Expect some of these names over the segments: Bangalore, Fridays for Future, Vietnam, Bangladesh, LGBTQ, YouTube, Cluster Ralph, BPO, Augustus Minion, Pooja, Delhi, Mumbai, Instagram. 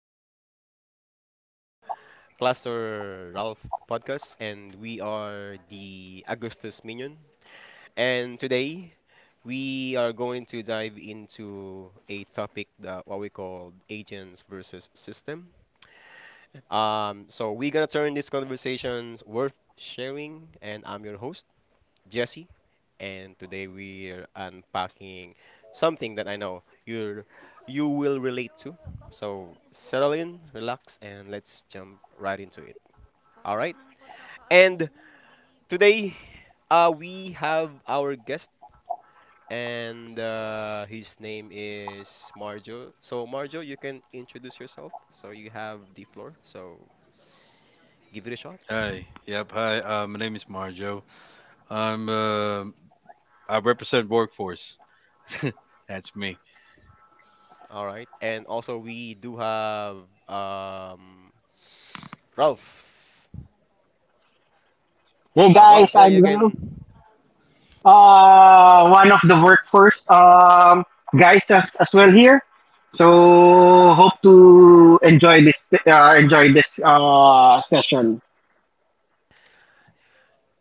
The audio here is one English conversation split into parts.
first episode of Cluster Ralph podcast, and we are the Augustus Minion. And today we are going to dive into a topic that what we call agents versus system. So we're gonna turn these conversations worth sharing, and I'm your host. Jesse, and today we're unpacking something that I know you will relate to. So settle in, relax, and let's jump right into it. All right. And today, we have our guest, and his name is Marjo. So Marjo, you can introduce yourself. So you have the floor. So give it a shot. Hi. Yep. Hi. My name is Marjo. I'm uh, I represent workforce. That's me. All right. And also we do have um, Ralph. Hey guys, Ralph, yeah, I'm you Ralph, can. One of the workforce guys as well here. So hope to enjoy this session.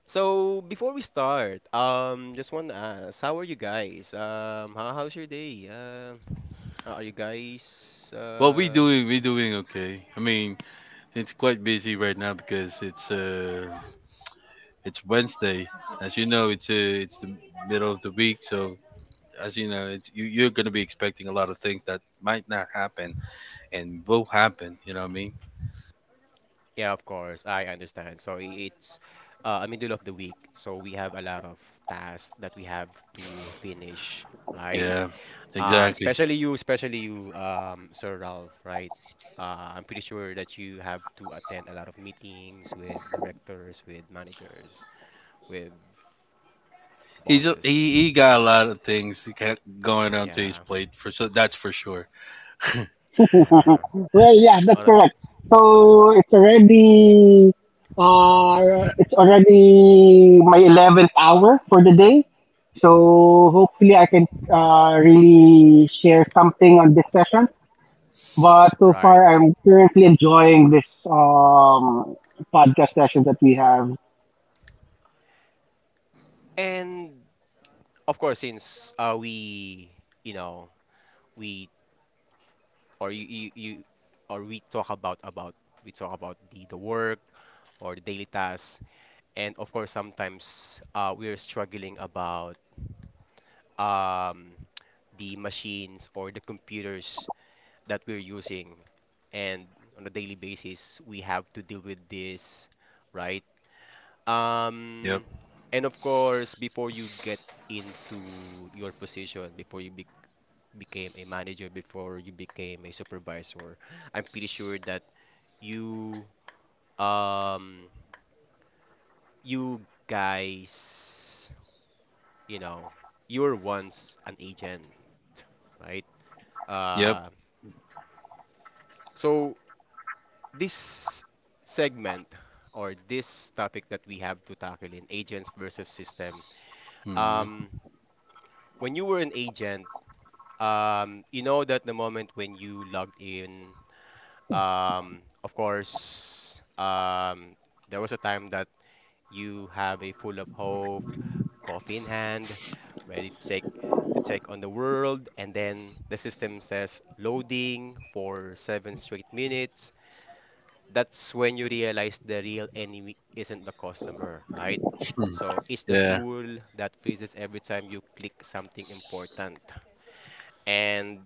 So before we start, just want to ask, how are you guys? How's your day? Are you guys? Well, we Uh, doing we doing okay. I mean, it's quite busy right now because it's it's Wednesday. As you know, it's the middle of the week, so as you know, it's you're gonna be expecting a lot of things that might not happen and will happen. You know what I mean? yeah, of course, I understand. So it's middle of the week, so we have a lot of tasks that we have to finish, right? Yeah. Um, Exactly. especially you, especially you, Sir Ralph, right? I'm pretty sure that you have to attend a lot of meetings with directors, with managers, with He's a, bosses. he he got a lot of things he got going onto his Yeah, plate for, so that's for sure. yeah. Well, yeah, that's On a- correct. So it's already my 11th hour for the day. So hopefully I can really share something on this session. But so right. far, I'm currently enjoying this podcast session that we have. And of course, since you know, we or you or we talk about the work or the daily tasks, and of course, sometimes we're struggling about um the machines or the computers that we're using, and on a daily basis, we have to deal with this, right? Yep. Um, and of course, before you get into your position, before you be became a manager, before you became a supervisor, I'm pretty sure that you, um, you guys, you know, you were once an agent, right? Yep. Uh, so this segment or this topic that we have to tackle in agents versus system, Mhm. um, when you were an agent, you know that the moment when you logged in, of course, there was a time that you have a full of hope, coffee in hand, ready to take on the world, and then the system says loading for 7 straight minutes. That's when you realize the real enemy isn't the customer, right? Hmm. So it's the Yeah. tool that freezes every time you click something important. And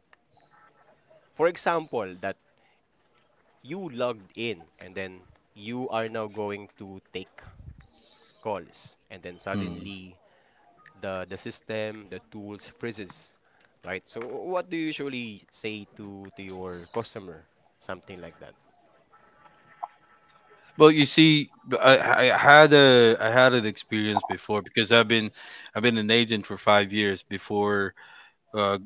for example, that you logged in and then you are now going to take calls and then Hmm. suddenly the tools freezes, right? So what do you usually say to your customer, something like that? Well, you see, I had a I had an experience before because I've been an agent for five years before uh,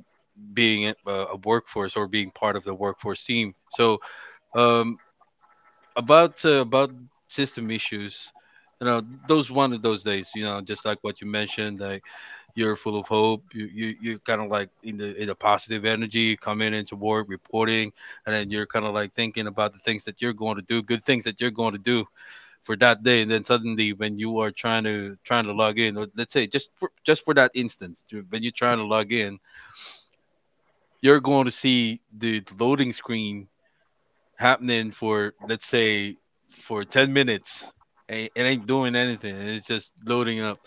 being a workforce or being part of the workforce team. So um, about system issues, you know, those one of those days, you know, just like what you mentioned, I, you're full of hope. You're kind of like in the positive energy coming into work, reporting, and then you're kind of like thinking about the things that you're going to do, good things that you're going to do for that day. And then suddenly, when you are trying to log in, or let's say just just for that instance, when you're trying to log in, you're going to see the loading screen happening for, let's say, for 10 minutes. It ain't doing anything. It's just loading up.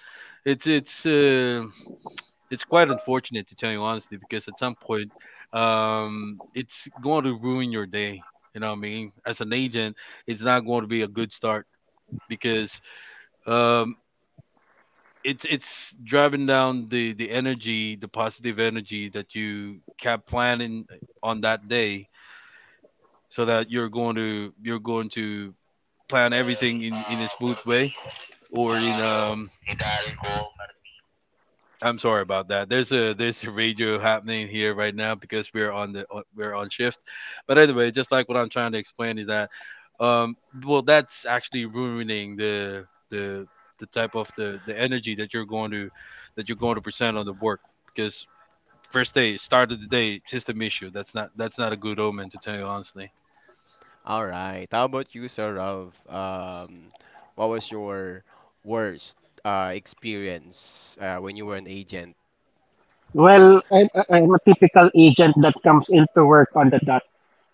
It's it's. Uh, it's quite unfortunate to tell you honestly, because at some point it's going to ruin your day, you know what I mean, as an agent. It's not going to be a good start because um it's driving down the energy, the positive energy that you kept planning on that day, so that you're going to plan everything in a smooth way, or in um, I'm sorry about that. There's a radio happening here right now because we're on we're on shift. But anyway, just like what I'm trying to explain is that um, well, that's actually ruining the the type of the energy that you're going to present on the work. Because first day start of the day system issue. That's not a good omen to tell you honestly. All right, how about you, Sir Ralph? What was your worst experience, when you were an agent? Well, I'm a typical agent that comes into work on the dot.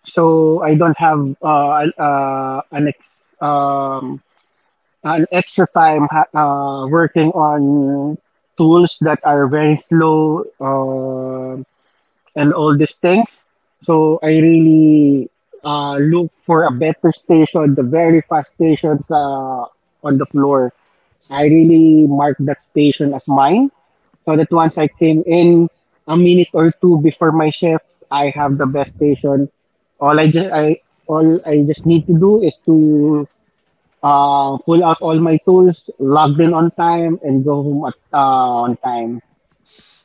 So I don't have an extra time working on tools that are very slow, and all these things. So I really look for a better station, the very fast stations on the floor. I really marked that station as mine so that once I Mm. came in a minute or two before my shift, I have the best station. All I just I all I just need to do is to pull out all my tools, log in on time, and go home on time.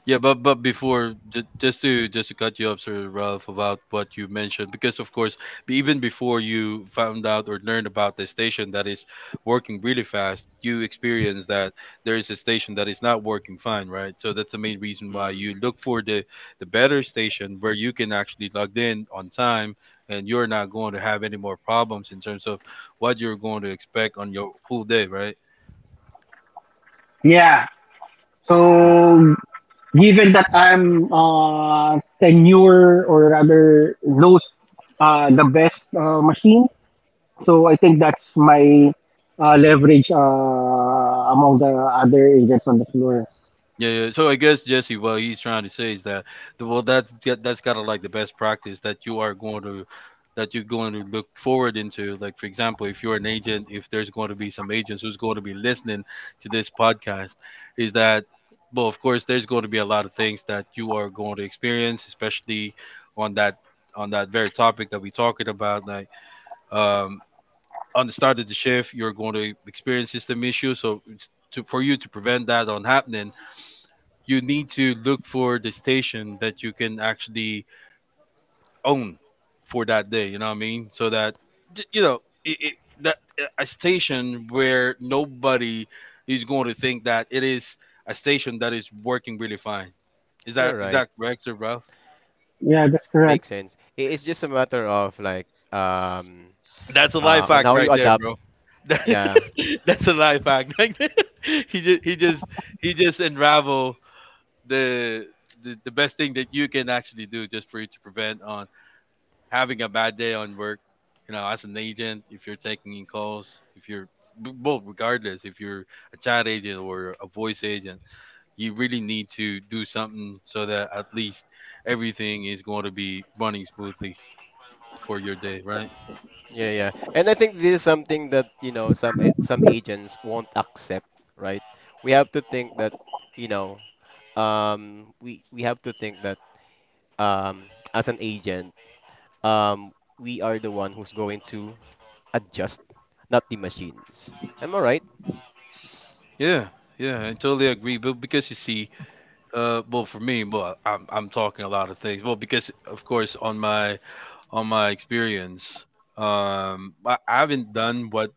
But before just to cut you up, Sir Ralph, about what you mentioned, because of course, even before you found out or learned about the station that is working really fast, you experienced that there is a station that is not working fine, right? So that's the main reason why you Mm. look for the better station where you can actually log in on time, and you're not going to have any more problems in terms of what you're going to expect on your whole day, right? Yeah. So given that I'm tenure or rather knows the best machine, so I think that's my leverage among the other agents on the floor. Yeah, yeah. So I guess Jesse, what he's trying to say is that, well, that's kind of like the best practice that you are that you're going to look forward into. Like for example, if you're an agent, if there's going to be some agents who's going to be listening to this podcast, is that, well, of course, there's going to be a lot of things that you are going to experience, especially on that on that very topic that we're talking about, like um, on the start of the shift, you're going to experience system issues. So it's to, for you to prevent that on happening, you need to look for the station that you can actually own for that day, you know what I mean, so that you know that a station where nobody is going to think that it is a station that is working really fine, is that, You're is right. that correct, Sir Bro? Yeah, that's correct. Makes sense. It's just a matter of, like, That's a life on hack how you right there, adapt. bro. Yeah, That's a life hack. Like, he just he just unravel the, the best thing that you can actually do, just for you to prevent on having a bad day on work, you know, as an agent, if you're taking in calls, if you're both, regardless, if you're a chat agent or a voice agent, you really need to do something so that at least everything is going to be running smoothly for your day, right? yeah, yeah. And I think this is something that, some agents won't accept, right? We have to think that, you know, we have to think that as an agent, we are the one who's going to adjust, not the machines. Am I right? Yeah, yeah, I totally agree. But because you see, well, for me, well, I'm talking a lot of things. Well, because of course, on my experience, I haven't done what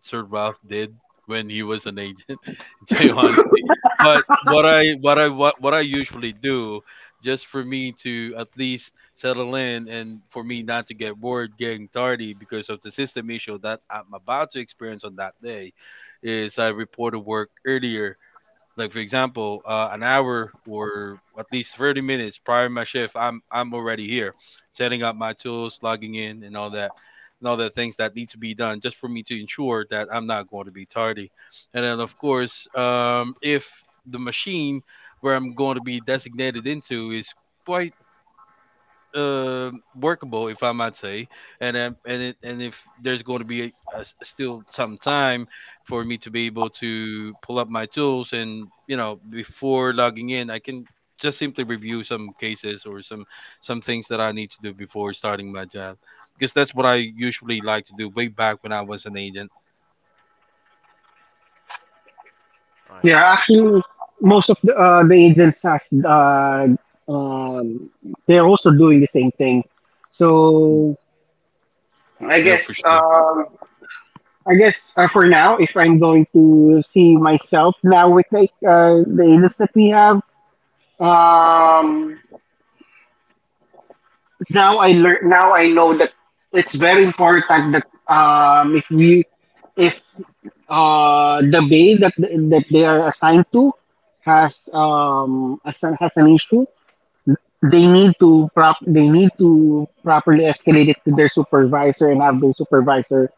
Sir Ralph did when he was an agent, to tell you honestly. But what I usually do, just for me to at least settle in and for me not to get bored getting tardy because of the system issue that I'm about to experience on that day, is I report to work earlier, like for example, an hour or at least 30 minutes prior to my shift, I'm already here, setting up my tools, logging in, and all that, and all the things that need to be done, just for me to ensure that I'm not going to be tardy. And then of course, if the machine where I'm going to be designated into is quite workable, if I might say, and and if there's going to be a, still some time for me to be able to pull up my tools, and you know, before logging in, I can just simply review some cases or some things that I need to do before starting my job, because that's what I usually like to do way back when I was an agent. Oh, I Yeah, see. actually, most of the agents has um, they're also doing the same thing. Mm. So I Yeah, for guess sure. um, I guess for now, if I'm going to see myself now with like the agents that we have. Um, Now I learn. Now I know that it's very important that if we, if the bay that they are assigned to has an issue, they need to properly escalate it to their supervisor and have their supervisor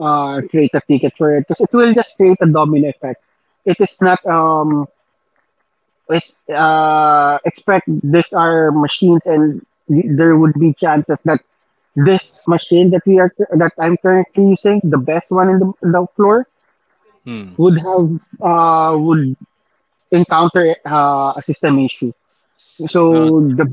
create a ticket for it because it will just create a domino effect. It is not is expect these are machines and there would be chances that this machine that we are that I'm currently using, the best one in the floor, Hmm. would have would encounter a system issue. Well, So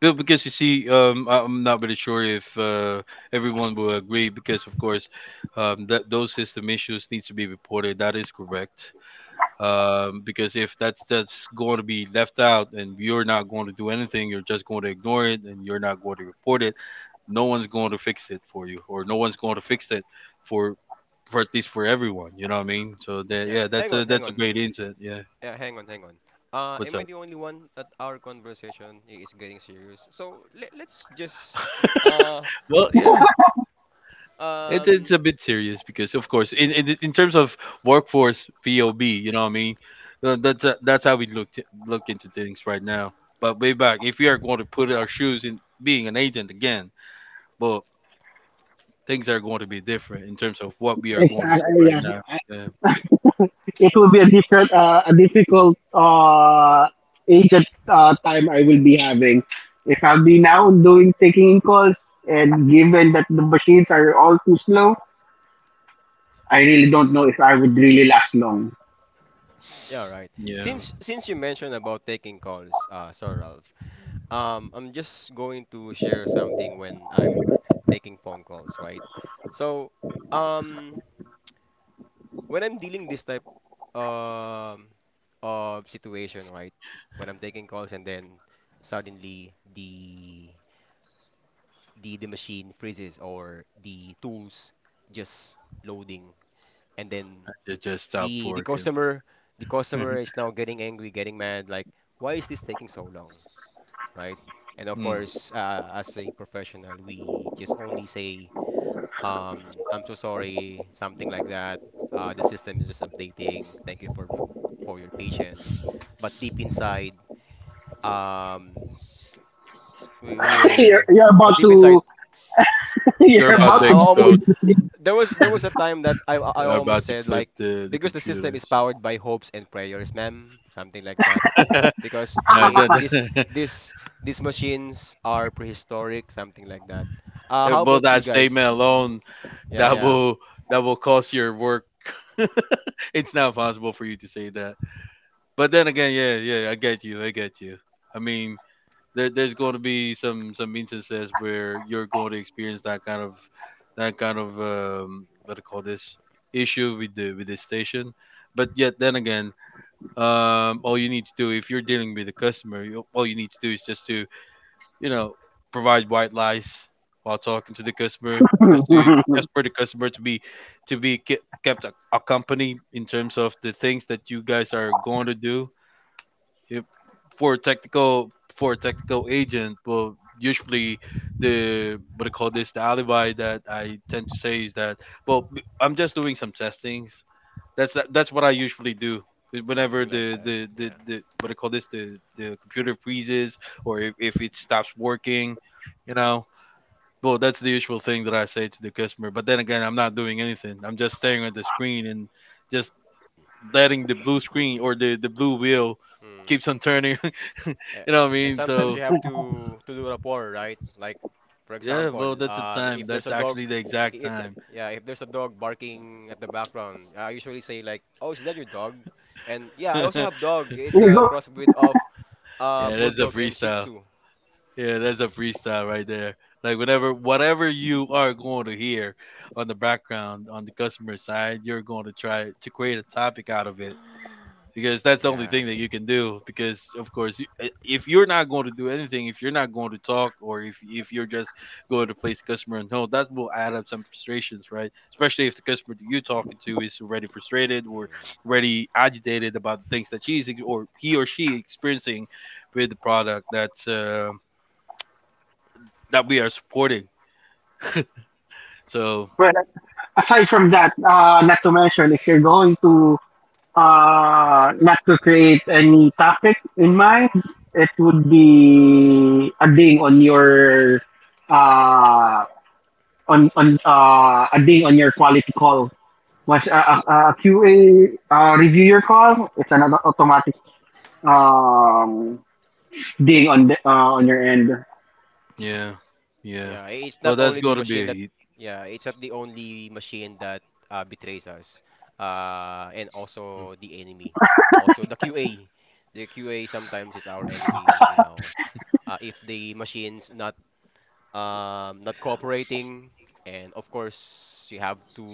Because you see, I'm not really sure if everyone will agree. Because of course, that those system issues need to be reported. That is correct. Because if that's going to be left out, and you're not going to do anything, you're just going to ignore it, and you're not going to report it. No one's going to fix it for you, or no one's going to fix it for, for at least for everyone. You know what I mean? So that Yeah. yeah, that's Hang a on, hang on. great insight. Yeah. Yeah, hang on, hang on. Uh, What's am I up? the only one that our conversation is getting serious? So let's just, uh, Well, you yeah. know, It's um, a bit serious because of course in terms of workforce VOB, you know what I mean. That's how we look look into things right now. But way back, if we are going to put our shoes in being an agent again, well, things are going to be different in terms of what we are going to say right yeah, now. Yeah, it will be a difficult agent time I will be having. If I'll be now doing taking in calls and given that the machines are all too slow, I really don't know if I would really last long. yeah, right. yeah. Since you mentioned about taking calls, Sir Ralph, I'm just going to share something when I'm taking phone calls, right? So, um, when I'm dealing this type um of situation, right? When I'm taking calls and then suddenly the machine freezes or the tools just loading and then Just stop the the working. customer the customer is now getting angry, getting mad, like, why is this taking so long, right? And of Hmm. course, as a professional, we just only say, I'm so sorry, something like that. The system is just updating. Thank you for for your patience. But deep inside, um, we, you're, we're, you're about but deep to inside, You're you're about about yeah, to I to destroy almost explode. the sleep. there was a time that I You're almost about to said, flip like, the because the system is computers. powered by hopes and prayers, ma'am, something like that. Because No, it I this doesn't- this these machines are prehistoric, something like that. How well, about that you guys? statement alone, Yeah, that yeah, will that will cost your work. It's not possible for you to say that. But then again, yeah, yeah, I get you. I get you. I mean, there's going to be some instances where you're going to experience that kind of what do you call this, issue with the station. But yet, then again, all you need to do if you're dealing with a customer, all you need to do is just to, you know, provide white lies while talking to the customer, just to, just for the customer to be kept accompanied in terms of the things that you guys are going to do if for a technical agent. Well, usually the, what I call this, the alibi that I tend to say is that, well, I'm just doing some testings. That's what I usually do whenever something like that. Yeah. the, what I call this, the computer freezes, or if it stops working, you know. Well, that's the usual thing that I say to the customer, but then again, I'm not doing anything. I'm just staring at the screen and just letting the blue screen or the blue wheel Hmm. keeps on turning, A- you know what I And mean? sometimes you So have to do rapport, right? Like, for yeah, example, well, that's the time. if there's That's a dog, actually the exact I time. yeah, if there's a dog barking at the background, I usually say like, "Oh, is that your dog?" And yeah, I also Yeah, have dog. It's You a go, crossbreed of that's a bulldog and Shih freestyle. Tzu. Yeah, that's a freestyle right there. Like whatever you are going to hear on the background on the customer side, you're going to try to create a topic out of it because that's the only Yeah. thing that you can do because of course if you're not going to do anything, if you're not going to talk or if you're just going to place a customer on hold, that will add up some frustrations, right? Especially if the customer that you're talking to is already frustrated or already agitated about the things that or he or she experiencing with the product that's that we are supporting. So well, aside from that, not to mention if you're going to not to create any topic in mind, it would be uh, a ding on your quality call. Once a QA review your call, it's an automatic um, being on the on your end. yeah, yeah, Yeah, it's well, not that's only the going to machine that, be, yeah, it's not the only machine that betrays us, and also the enemy. Also, the QA. The QA sometimes is our enemy. If the machine's not cooperating, and of course you have to,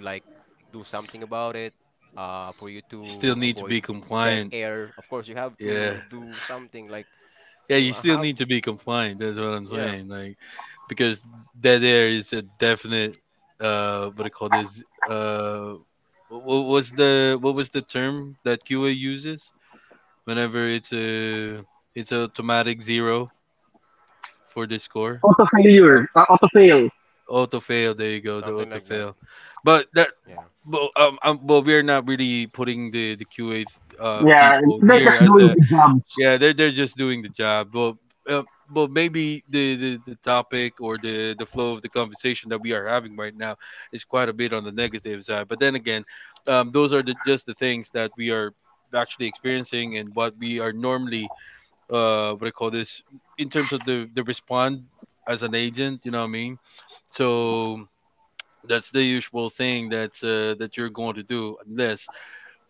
like, do something about it for you you still to need to avoid be dead compliant. air. Of course, you have Yeah, to do something like, yeah, you I still have, need to be compliant. That's what I'm yeah, saying. Like, because that there is a definite, what do you call this? What was the term that QA uses whenever it's a automatic zero for the score? Auto Uh, failure, auto fail. Auto fail. There you go. The something auto like that. fail. But that. Yeah. But well, we're not really putting the QA Yeah, people they're here just as doing a, their jobs. yeah, they're just doing the job. Uh, but maybe the topic or the flow of the conversation that we are having right now is quite a bit on the negative side. But then again, those are the, just the things that we are actually experiencing and what we are normally what I call this in terms of the respond as an agent. You know what I mean? Mm. So that's the usual thing that's that you're going to do unless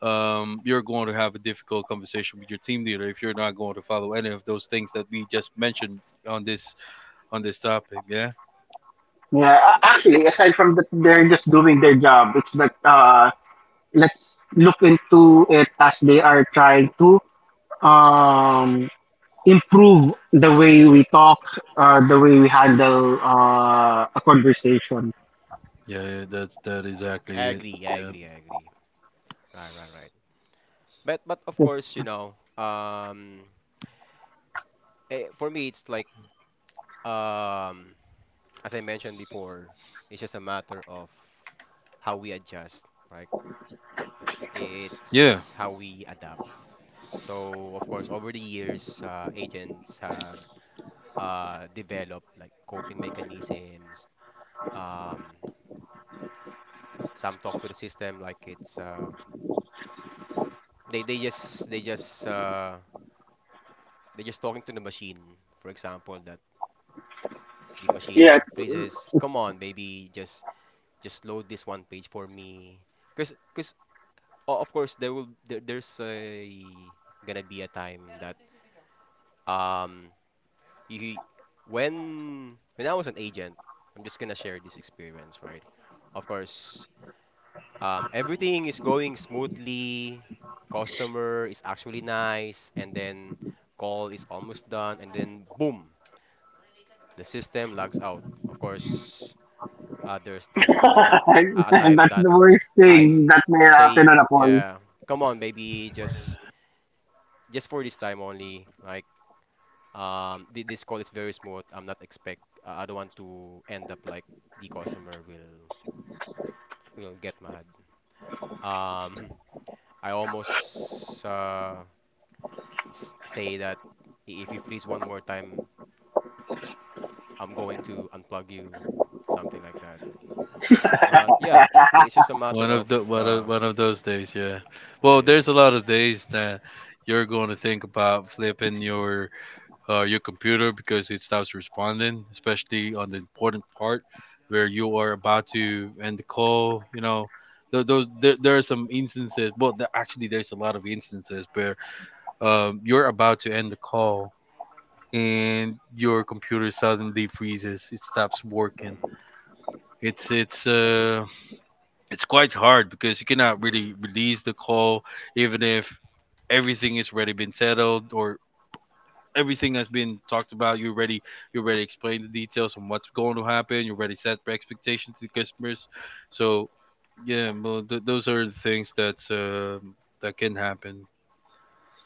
you're going to have a difficult conversation with your team leader if you're not going to follow any of those things that we just mentioned on this on this topic. Yeah, Yeah, actually, aside from that, they're just doing their job. It's that let's look into it as they are trying to um improve the way we talk, the way we handle a conversation. yeah, yeah, that's that I exactly it. agree, I Yeah, agree, I agree. Right, right, right. But of 'Cause- course, for me it's like, um, as I mentioned before, it's just a matter of how we adjust, right? yeah. It's how we adapt. So of course, over the years, agents have developed, like, coping mechanisms. Um, some talk to the system like it's they they just they just uh, they just talking to the machine, for example. The Yeah. machine freezes. Come on, baby, just load this one page for me. Cause of course there will there's a gonna be a time that um you when I was an agent, I'm just gonna share this experience, right? Of course, everything is going smoothly. Customer is actually nice, and then call is almost done, and then boom, the system logs out. Of course, there's gonna be a And time that's that the worst thing I'm that may I'm happen on saying, a call. yeah, come on, baby, just for this time only. Like, this call is very smooth. I'm not expect. I don't want to end up like the customer will get mad. Um, I almost s say that if you freeze one more time, I'm going to unplug you, something like that. But yeah, it's just a matter One of of the uh, one of those days. Yeah. yeah, Well, yeah. there's a lot of days that you're going to think about flipping your computer because it stops responding, especially on the important part where you are about to end the call. You know, those there, there are some instances. Well, actually, there's a lot of instances where you're about to end the call and your computer suddenly freezes. It stops working. Mm, It's it's quite hard because you cannot mm. really release the call even if everything is already been settled or everything has been talked about. You already, you already explained the details on what's going to happen. You already set expectations to the customers. So yeah, well, those are the things that's that can happen.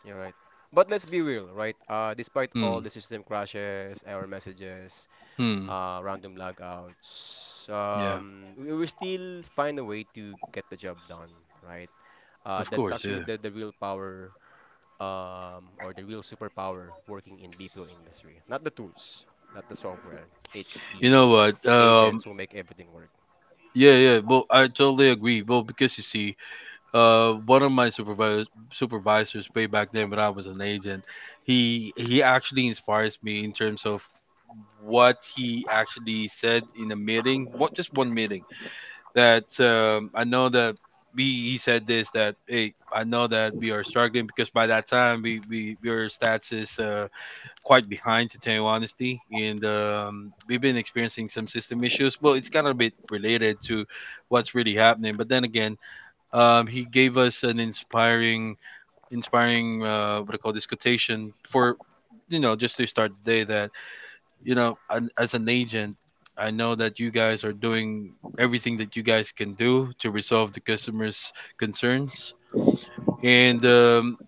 You're right. But let's be real, right? Despite all Hmm. the system crashes, error messages, Hmm. Random logouts, Yeah. We still find a way to get the job done, right? Uh, Of that's course. actually Yeah. the real power, or the real superpower working in BPO industry. Not the tools, not the software. It's You know the what? Agents who make everything work. Yeah. Yeah. Well, I totally agree. Well, because you see, one of my supervisors way back then when I was an agent, he actually inspires me in terms of what he actually said in a meeting, what just one meeting that I know that we he said this, that hey, I know that we are struggling because by that time we your stats is quite behind to tell you honesty, and we've been experiencing some system issues. Well, it's kind of a bit related to what's really happening, but then again he gave us an inspiring what I call this quotation for, you know, just to start the day that, you know, as an agent, I know that you guys are doing everything that you guys can do to resolve the customers' concerns, and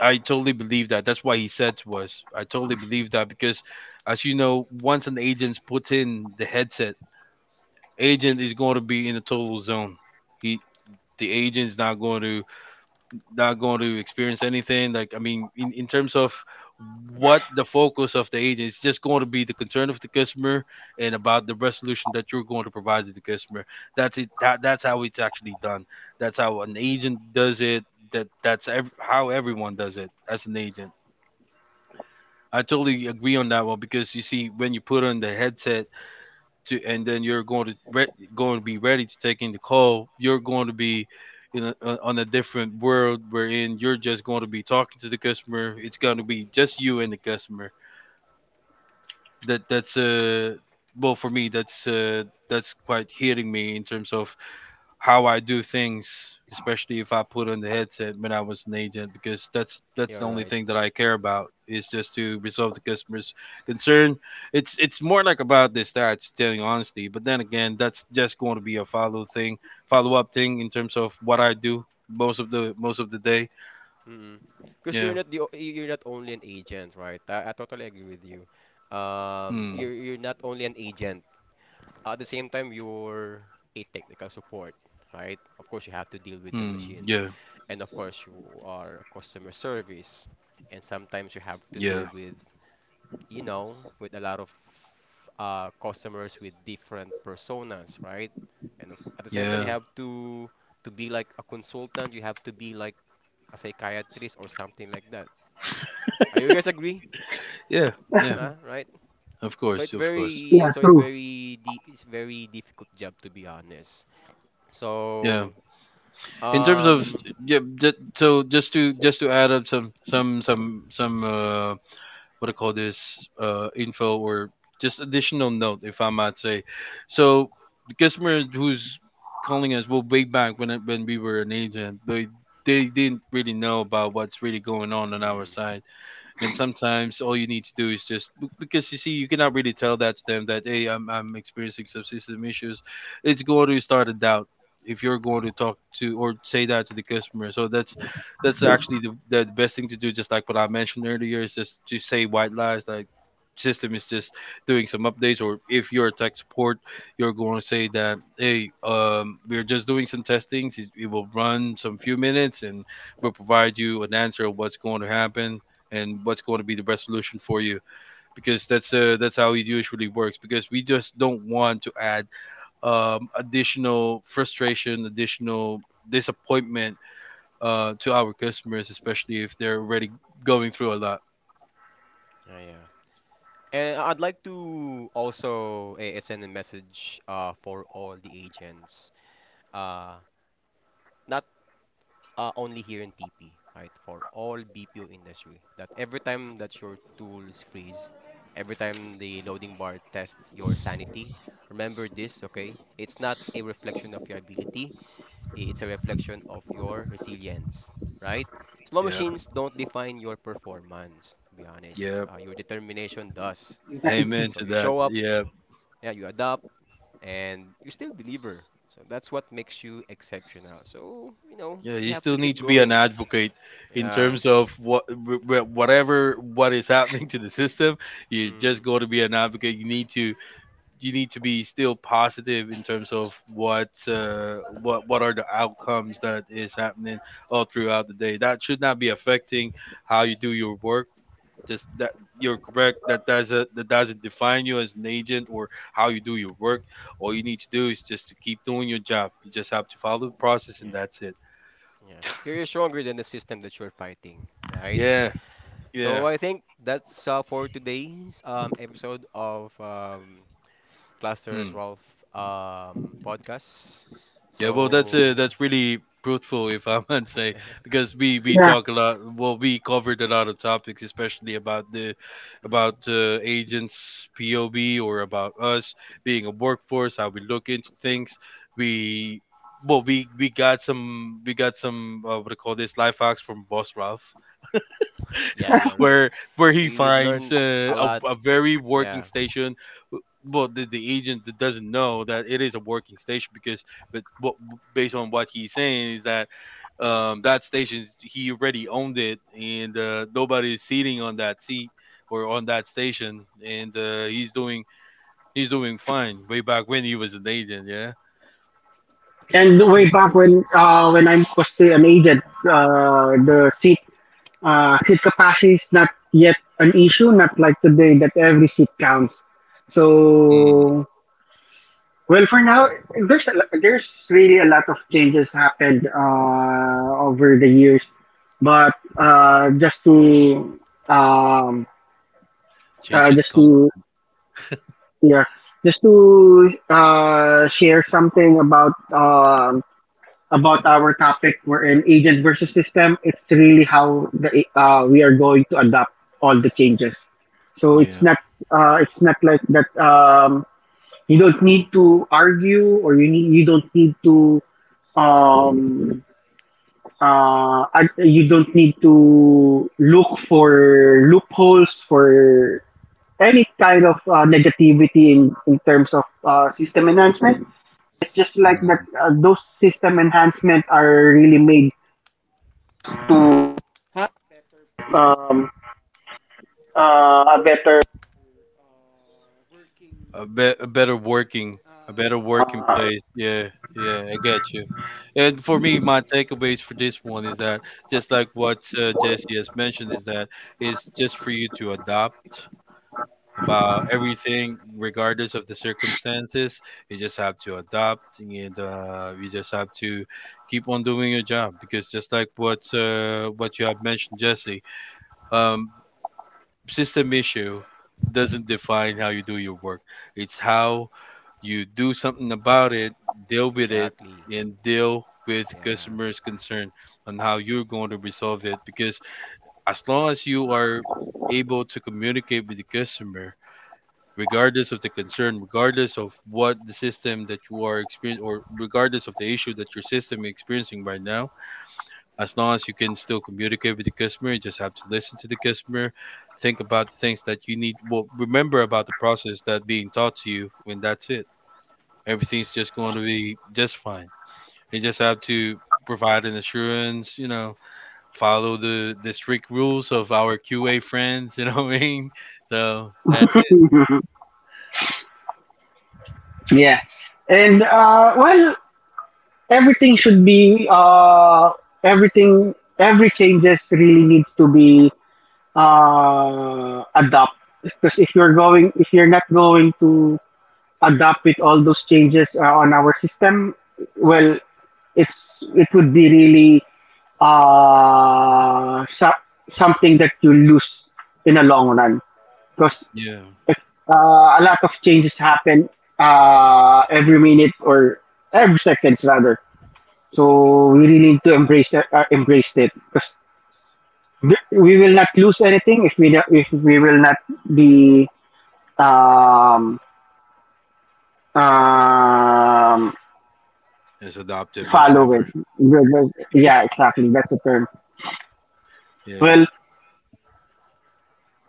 I totally believe that. That's why he said to us, I totally believe that because, as you know, once an agent puts in the headset, agent is going to be in a total zone. He, the agent's not going to, not going to experience anything. Like I mean, in terms of what the focus of the agent is just going to be the concern of the customer and about the resolution that you're going to provide to the customer. That's it. That's how it's actually done. That's how an agent does it. How everyone does it as an agent. I totally agree on that one because you see, when you put on the headset to and then you're going to going to be ready to take in the call, you're going to be in a, on a different world wherein you're just going to be talking to the customer. It's going to be just you and the customer. That's well, for me, that's quite hitting me in terms of how I do things, especially if I put on the headset when I was an agent, because that's the You're only right. thing that I care about is just to resolve the customer's concern. It's more like about the stats, telling you honestly. But then again, that's just going to be a follow thing, follow up thing in terms of what I do most of the day. Mm-mm. Because you're Yeah. not the o- you're not only an agent, right? I totally agree with you. Um, Hmm. you're you're not only an agent. At the same time, you're a technical support, right? Of course, you have to deal with the Hmm. machine, Yeah. and of course, you are customer service, and sometimes you have to deal Yeah. with with a lot of customers with different personas, right? At the same time, you Yeah. have to be like a consultant. You have to be like a psychiatrist, or something like that. Are you guys agree? Yeah. Yeah. Right? Of So course. it's Of course. very Yeah, so it's true. very di- it's very difficult job, to be honest. Yeah. So, In terms of, um yeah, just to add up some what do you call this info, or just additional note if I might say. So the customer who's calling us, well, way back when when we were an agent, they didn't really know about what's really going on our mm, side. And sometimes all you need to do is just because you see, you cannot really tell that to them that hey, I'm experiencing some system issues. It's going to start a doubt if you're going to talk to or say that to the customer. So that's actually the best thing to do, just like what I mentioned earlier, is just to say white lies like system is just doing some updates. Or if you're a tech support, you're going to say that hey, we're just doing some testings. It will run some few minutes, and we'll provide you an answer of what's going to happen and what's going to be the best solution for you, because that's how it usually works. Because we just don't want to add additional frustration, additional disappointment to our customers, especially if they're already going through a lot. yeah, yeah. And I'd like to also send a message for all the agents, uh not only here in TP, right? For all BPO industry that every time that your tools freeze, every time the loading bar tests your sanity, remember this, okay? It's not a reflection of your ability. It's a reflection of your resilience, right? Slow Yeah, machines don't define your performance, to be honest. yeah, Your determination does. amen So to you that. show up, Yeah, yeah, you adapt, and you still deliver. So that's what makes you exceptional. So, yeah, we you have still to need keep to be an going. advocate in Yeah. terms of what whatever what is happening to the system. You're Mm, just going to be an advocate. You need to, you need to be still positive in terms of what are the outcomes that is happening all throughout the day. That should not be affecting how you do your work. Just that, you're correct. That doesn't, that doesn't define you as an agent or how you do your work. All you need to do is just to keep doing your job. You just have to follow the process, and yeah. that's it. Yeah. You're you're stronger than the system that you're fighting, right? Yeah, So yeah. I think that's for today's episode of Clusters Hmm. Ralph podcast. Yeah, well, So that's really fruitful, if I might say, yeah. because we Yeah. talk a lot. Well, we covered a lot of topics, especially about the, Mm. about agents POB, or about us being a workforce, how we look into things. We, well, we got some, we got some what do you call this, life hacks from Boss Ralph Yeah, you're right. where where he We've finds learned a lot. a very working Yeah. station. Well, the agent that doesn't know that it is a working station because, but what, based on what he's saying is that that station he already owned it, and nobody is seating on that seat or on that station, and he's doing, he's doing fine. Way back when he was an agent, yeah. Yeah, And right. way back when when I was still an agent, the seat capacity is not yet an issue. Not like today that every seat counts. Mm. So well, for now there's really a lot of changes happened over the years, but um, Change his just con, to yeah share something about our topic. We're in agent versus system. It's really how the we are going to adapt all the changes. So it's yeah. not uh, it's not like that. You don't need to argue or you don't need um, to look for loopholes for any kind of negativity in terms of system enhancement. It's just like that those system enhancement are really made. A, a better working, a better working place. Yeah, yeah, I get you. And for me, my takeaways for this one is that, just like what Jesse has mentioned, is that it's just for you to adopt about everything regardless of the circumstances. You just have to adopt, and you just have to keep on doing your job, because just like what you have mentioned, Jesse, um, system issue doesn't define how you do your work. It's how you do something about it, deal with it, Exactly. and deal with Yeah. customers' concern on how you're going to resolve it. Because as long as you are able to communicate with the customer, regardless of the concern, regardless of what the system that you are experiencing, or regardless of the issue that your system is experiencing right now, as long as you can still communicate with the customer, you just have to listen to the customer, think about the things that you need. Well, remember about the process that being taught to you, when that's it, everything's just going to be just fine. You just have to provide an assurance, you know, follow the strict rules of our QA friends, you know, what I mean. So that's it. Mhm. Yeah. And well, everything should be everything. Every changes really needs to be adopt because if you're not going to adapt with all those changes on our system. Well, it would be really uh, so- something that you lose in the long run because Yeah, Uh, a lot of changes happen every minute or every seconds rather. So we really need to embrace it because we will not lose anything if we will not be um, um, as adoptive as follow. ever. Yeah, exactly. That's the term. Yeah. Well,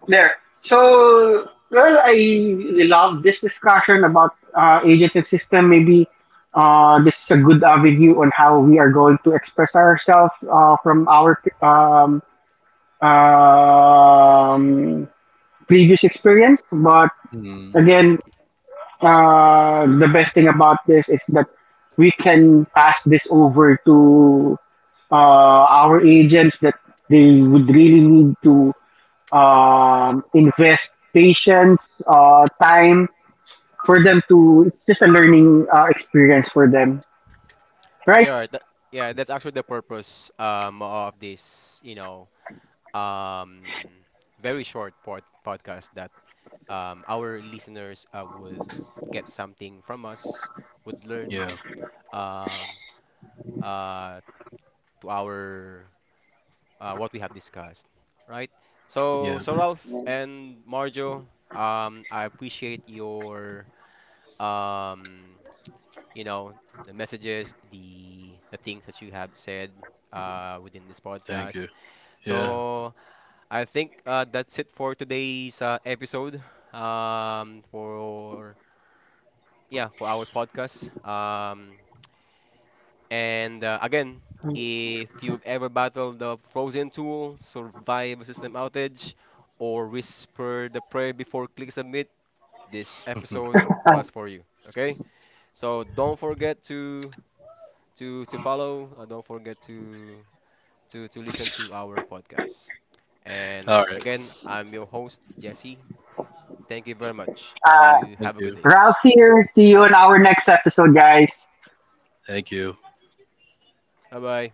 there. So, well, I love this discussion about agentive system. Maybe this is a good avenue on how we are going to express ourselves from our um, previous experience. But Mm. again, the best thing about this is that we can pass this over to our agents that they would really need to invest patience, time for them to. It's just a learning experience for them, right? Yeah, right. Yeah, that's actually the purpose of this, um very short podcast, that our listeners would get something from us, would learn Yeah. um uh to our what we have discussed, right? So, Yeah. Ralph and Marjo, I appreciate um, you know, the messages, the things that you have said within this Thank you. podcast. Yeah. So, I think that's it for today's episode. For yeah, for our podcast. And again, if you've ever battled the frozen tool, survived a system outage, or whispered the prayer before click submit, this episode was for you. Okay? So don't forget to follow. Don't forget to listen to our podcast. All And right. again, I'm your host Jesse. Thank you very much. Uh, You Thank have a good you. day. Ralph here. See you in our next episode, guys. Thank you. Bye bye.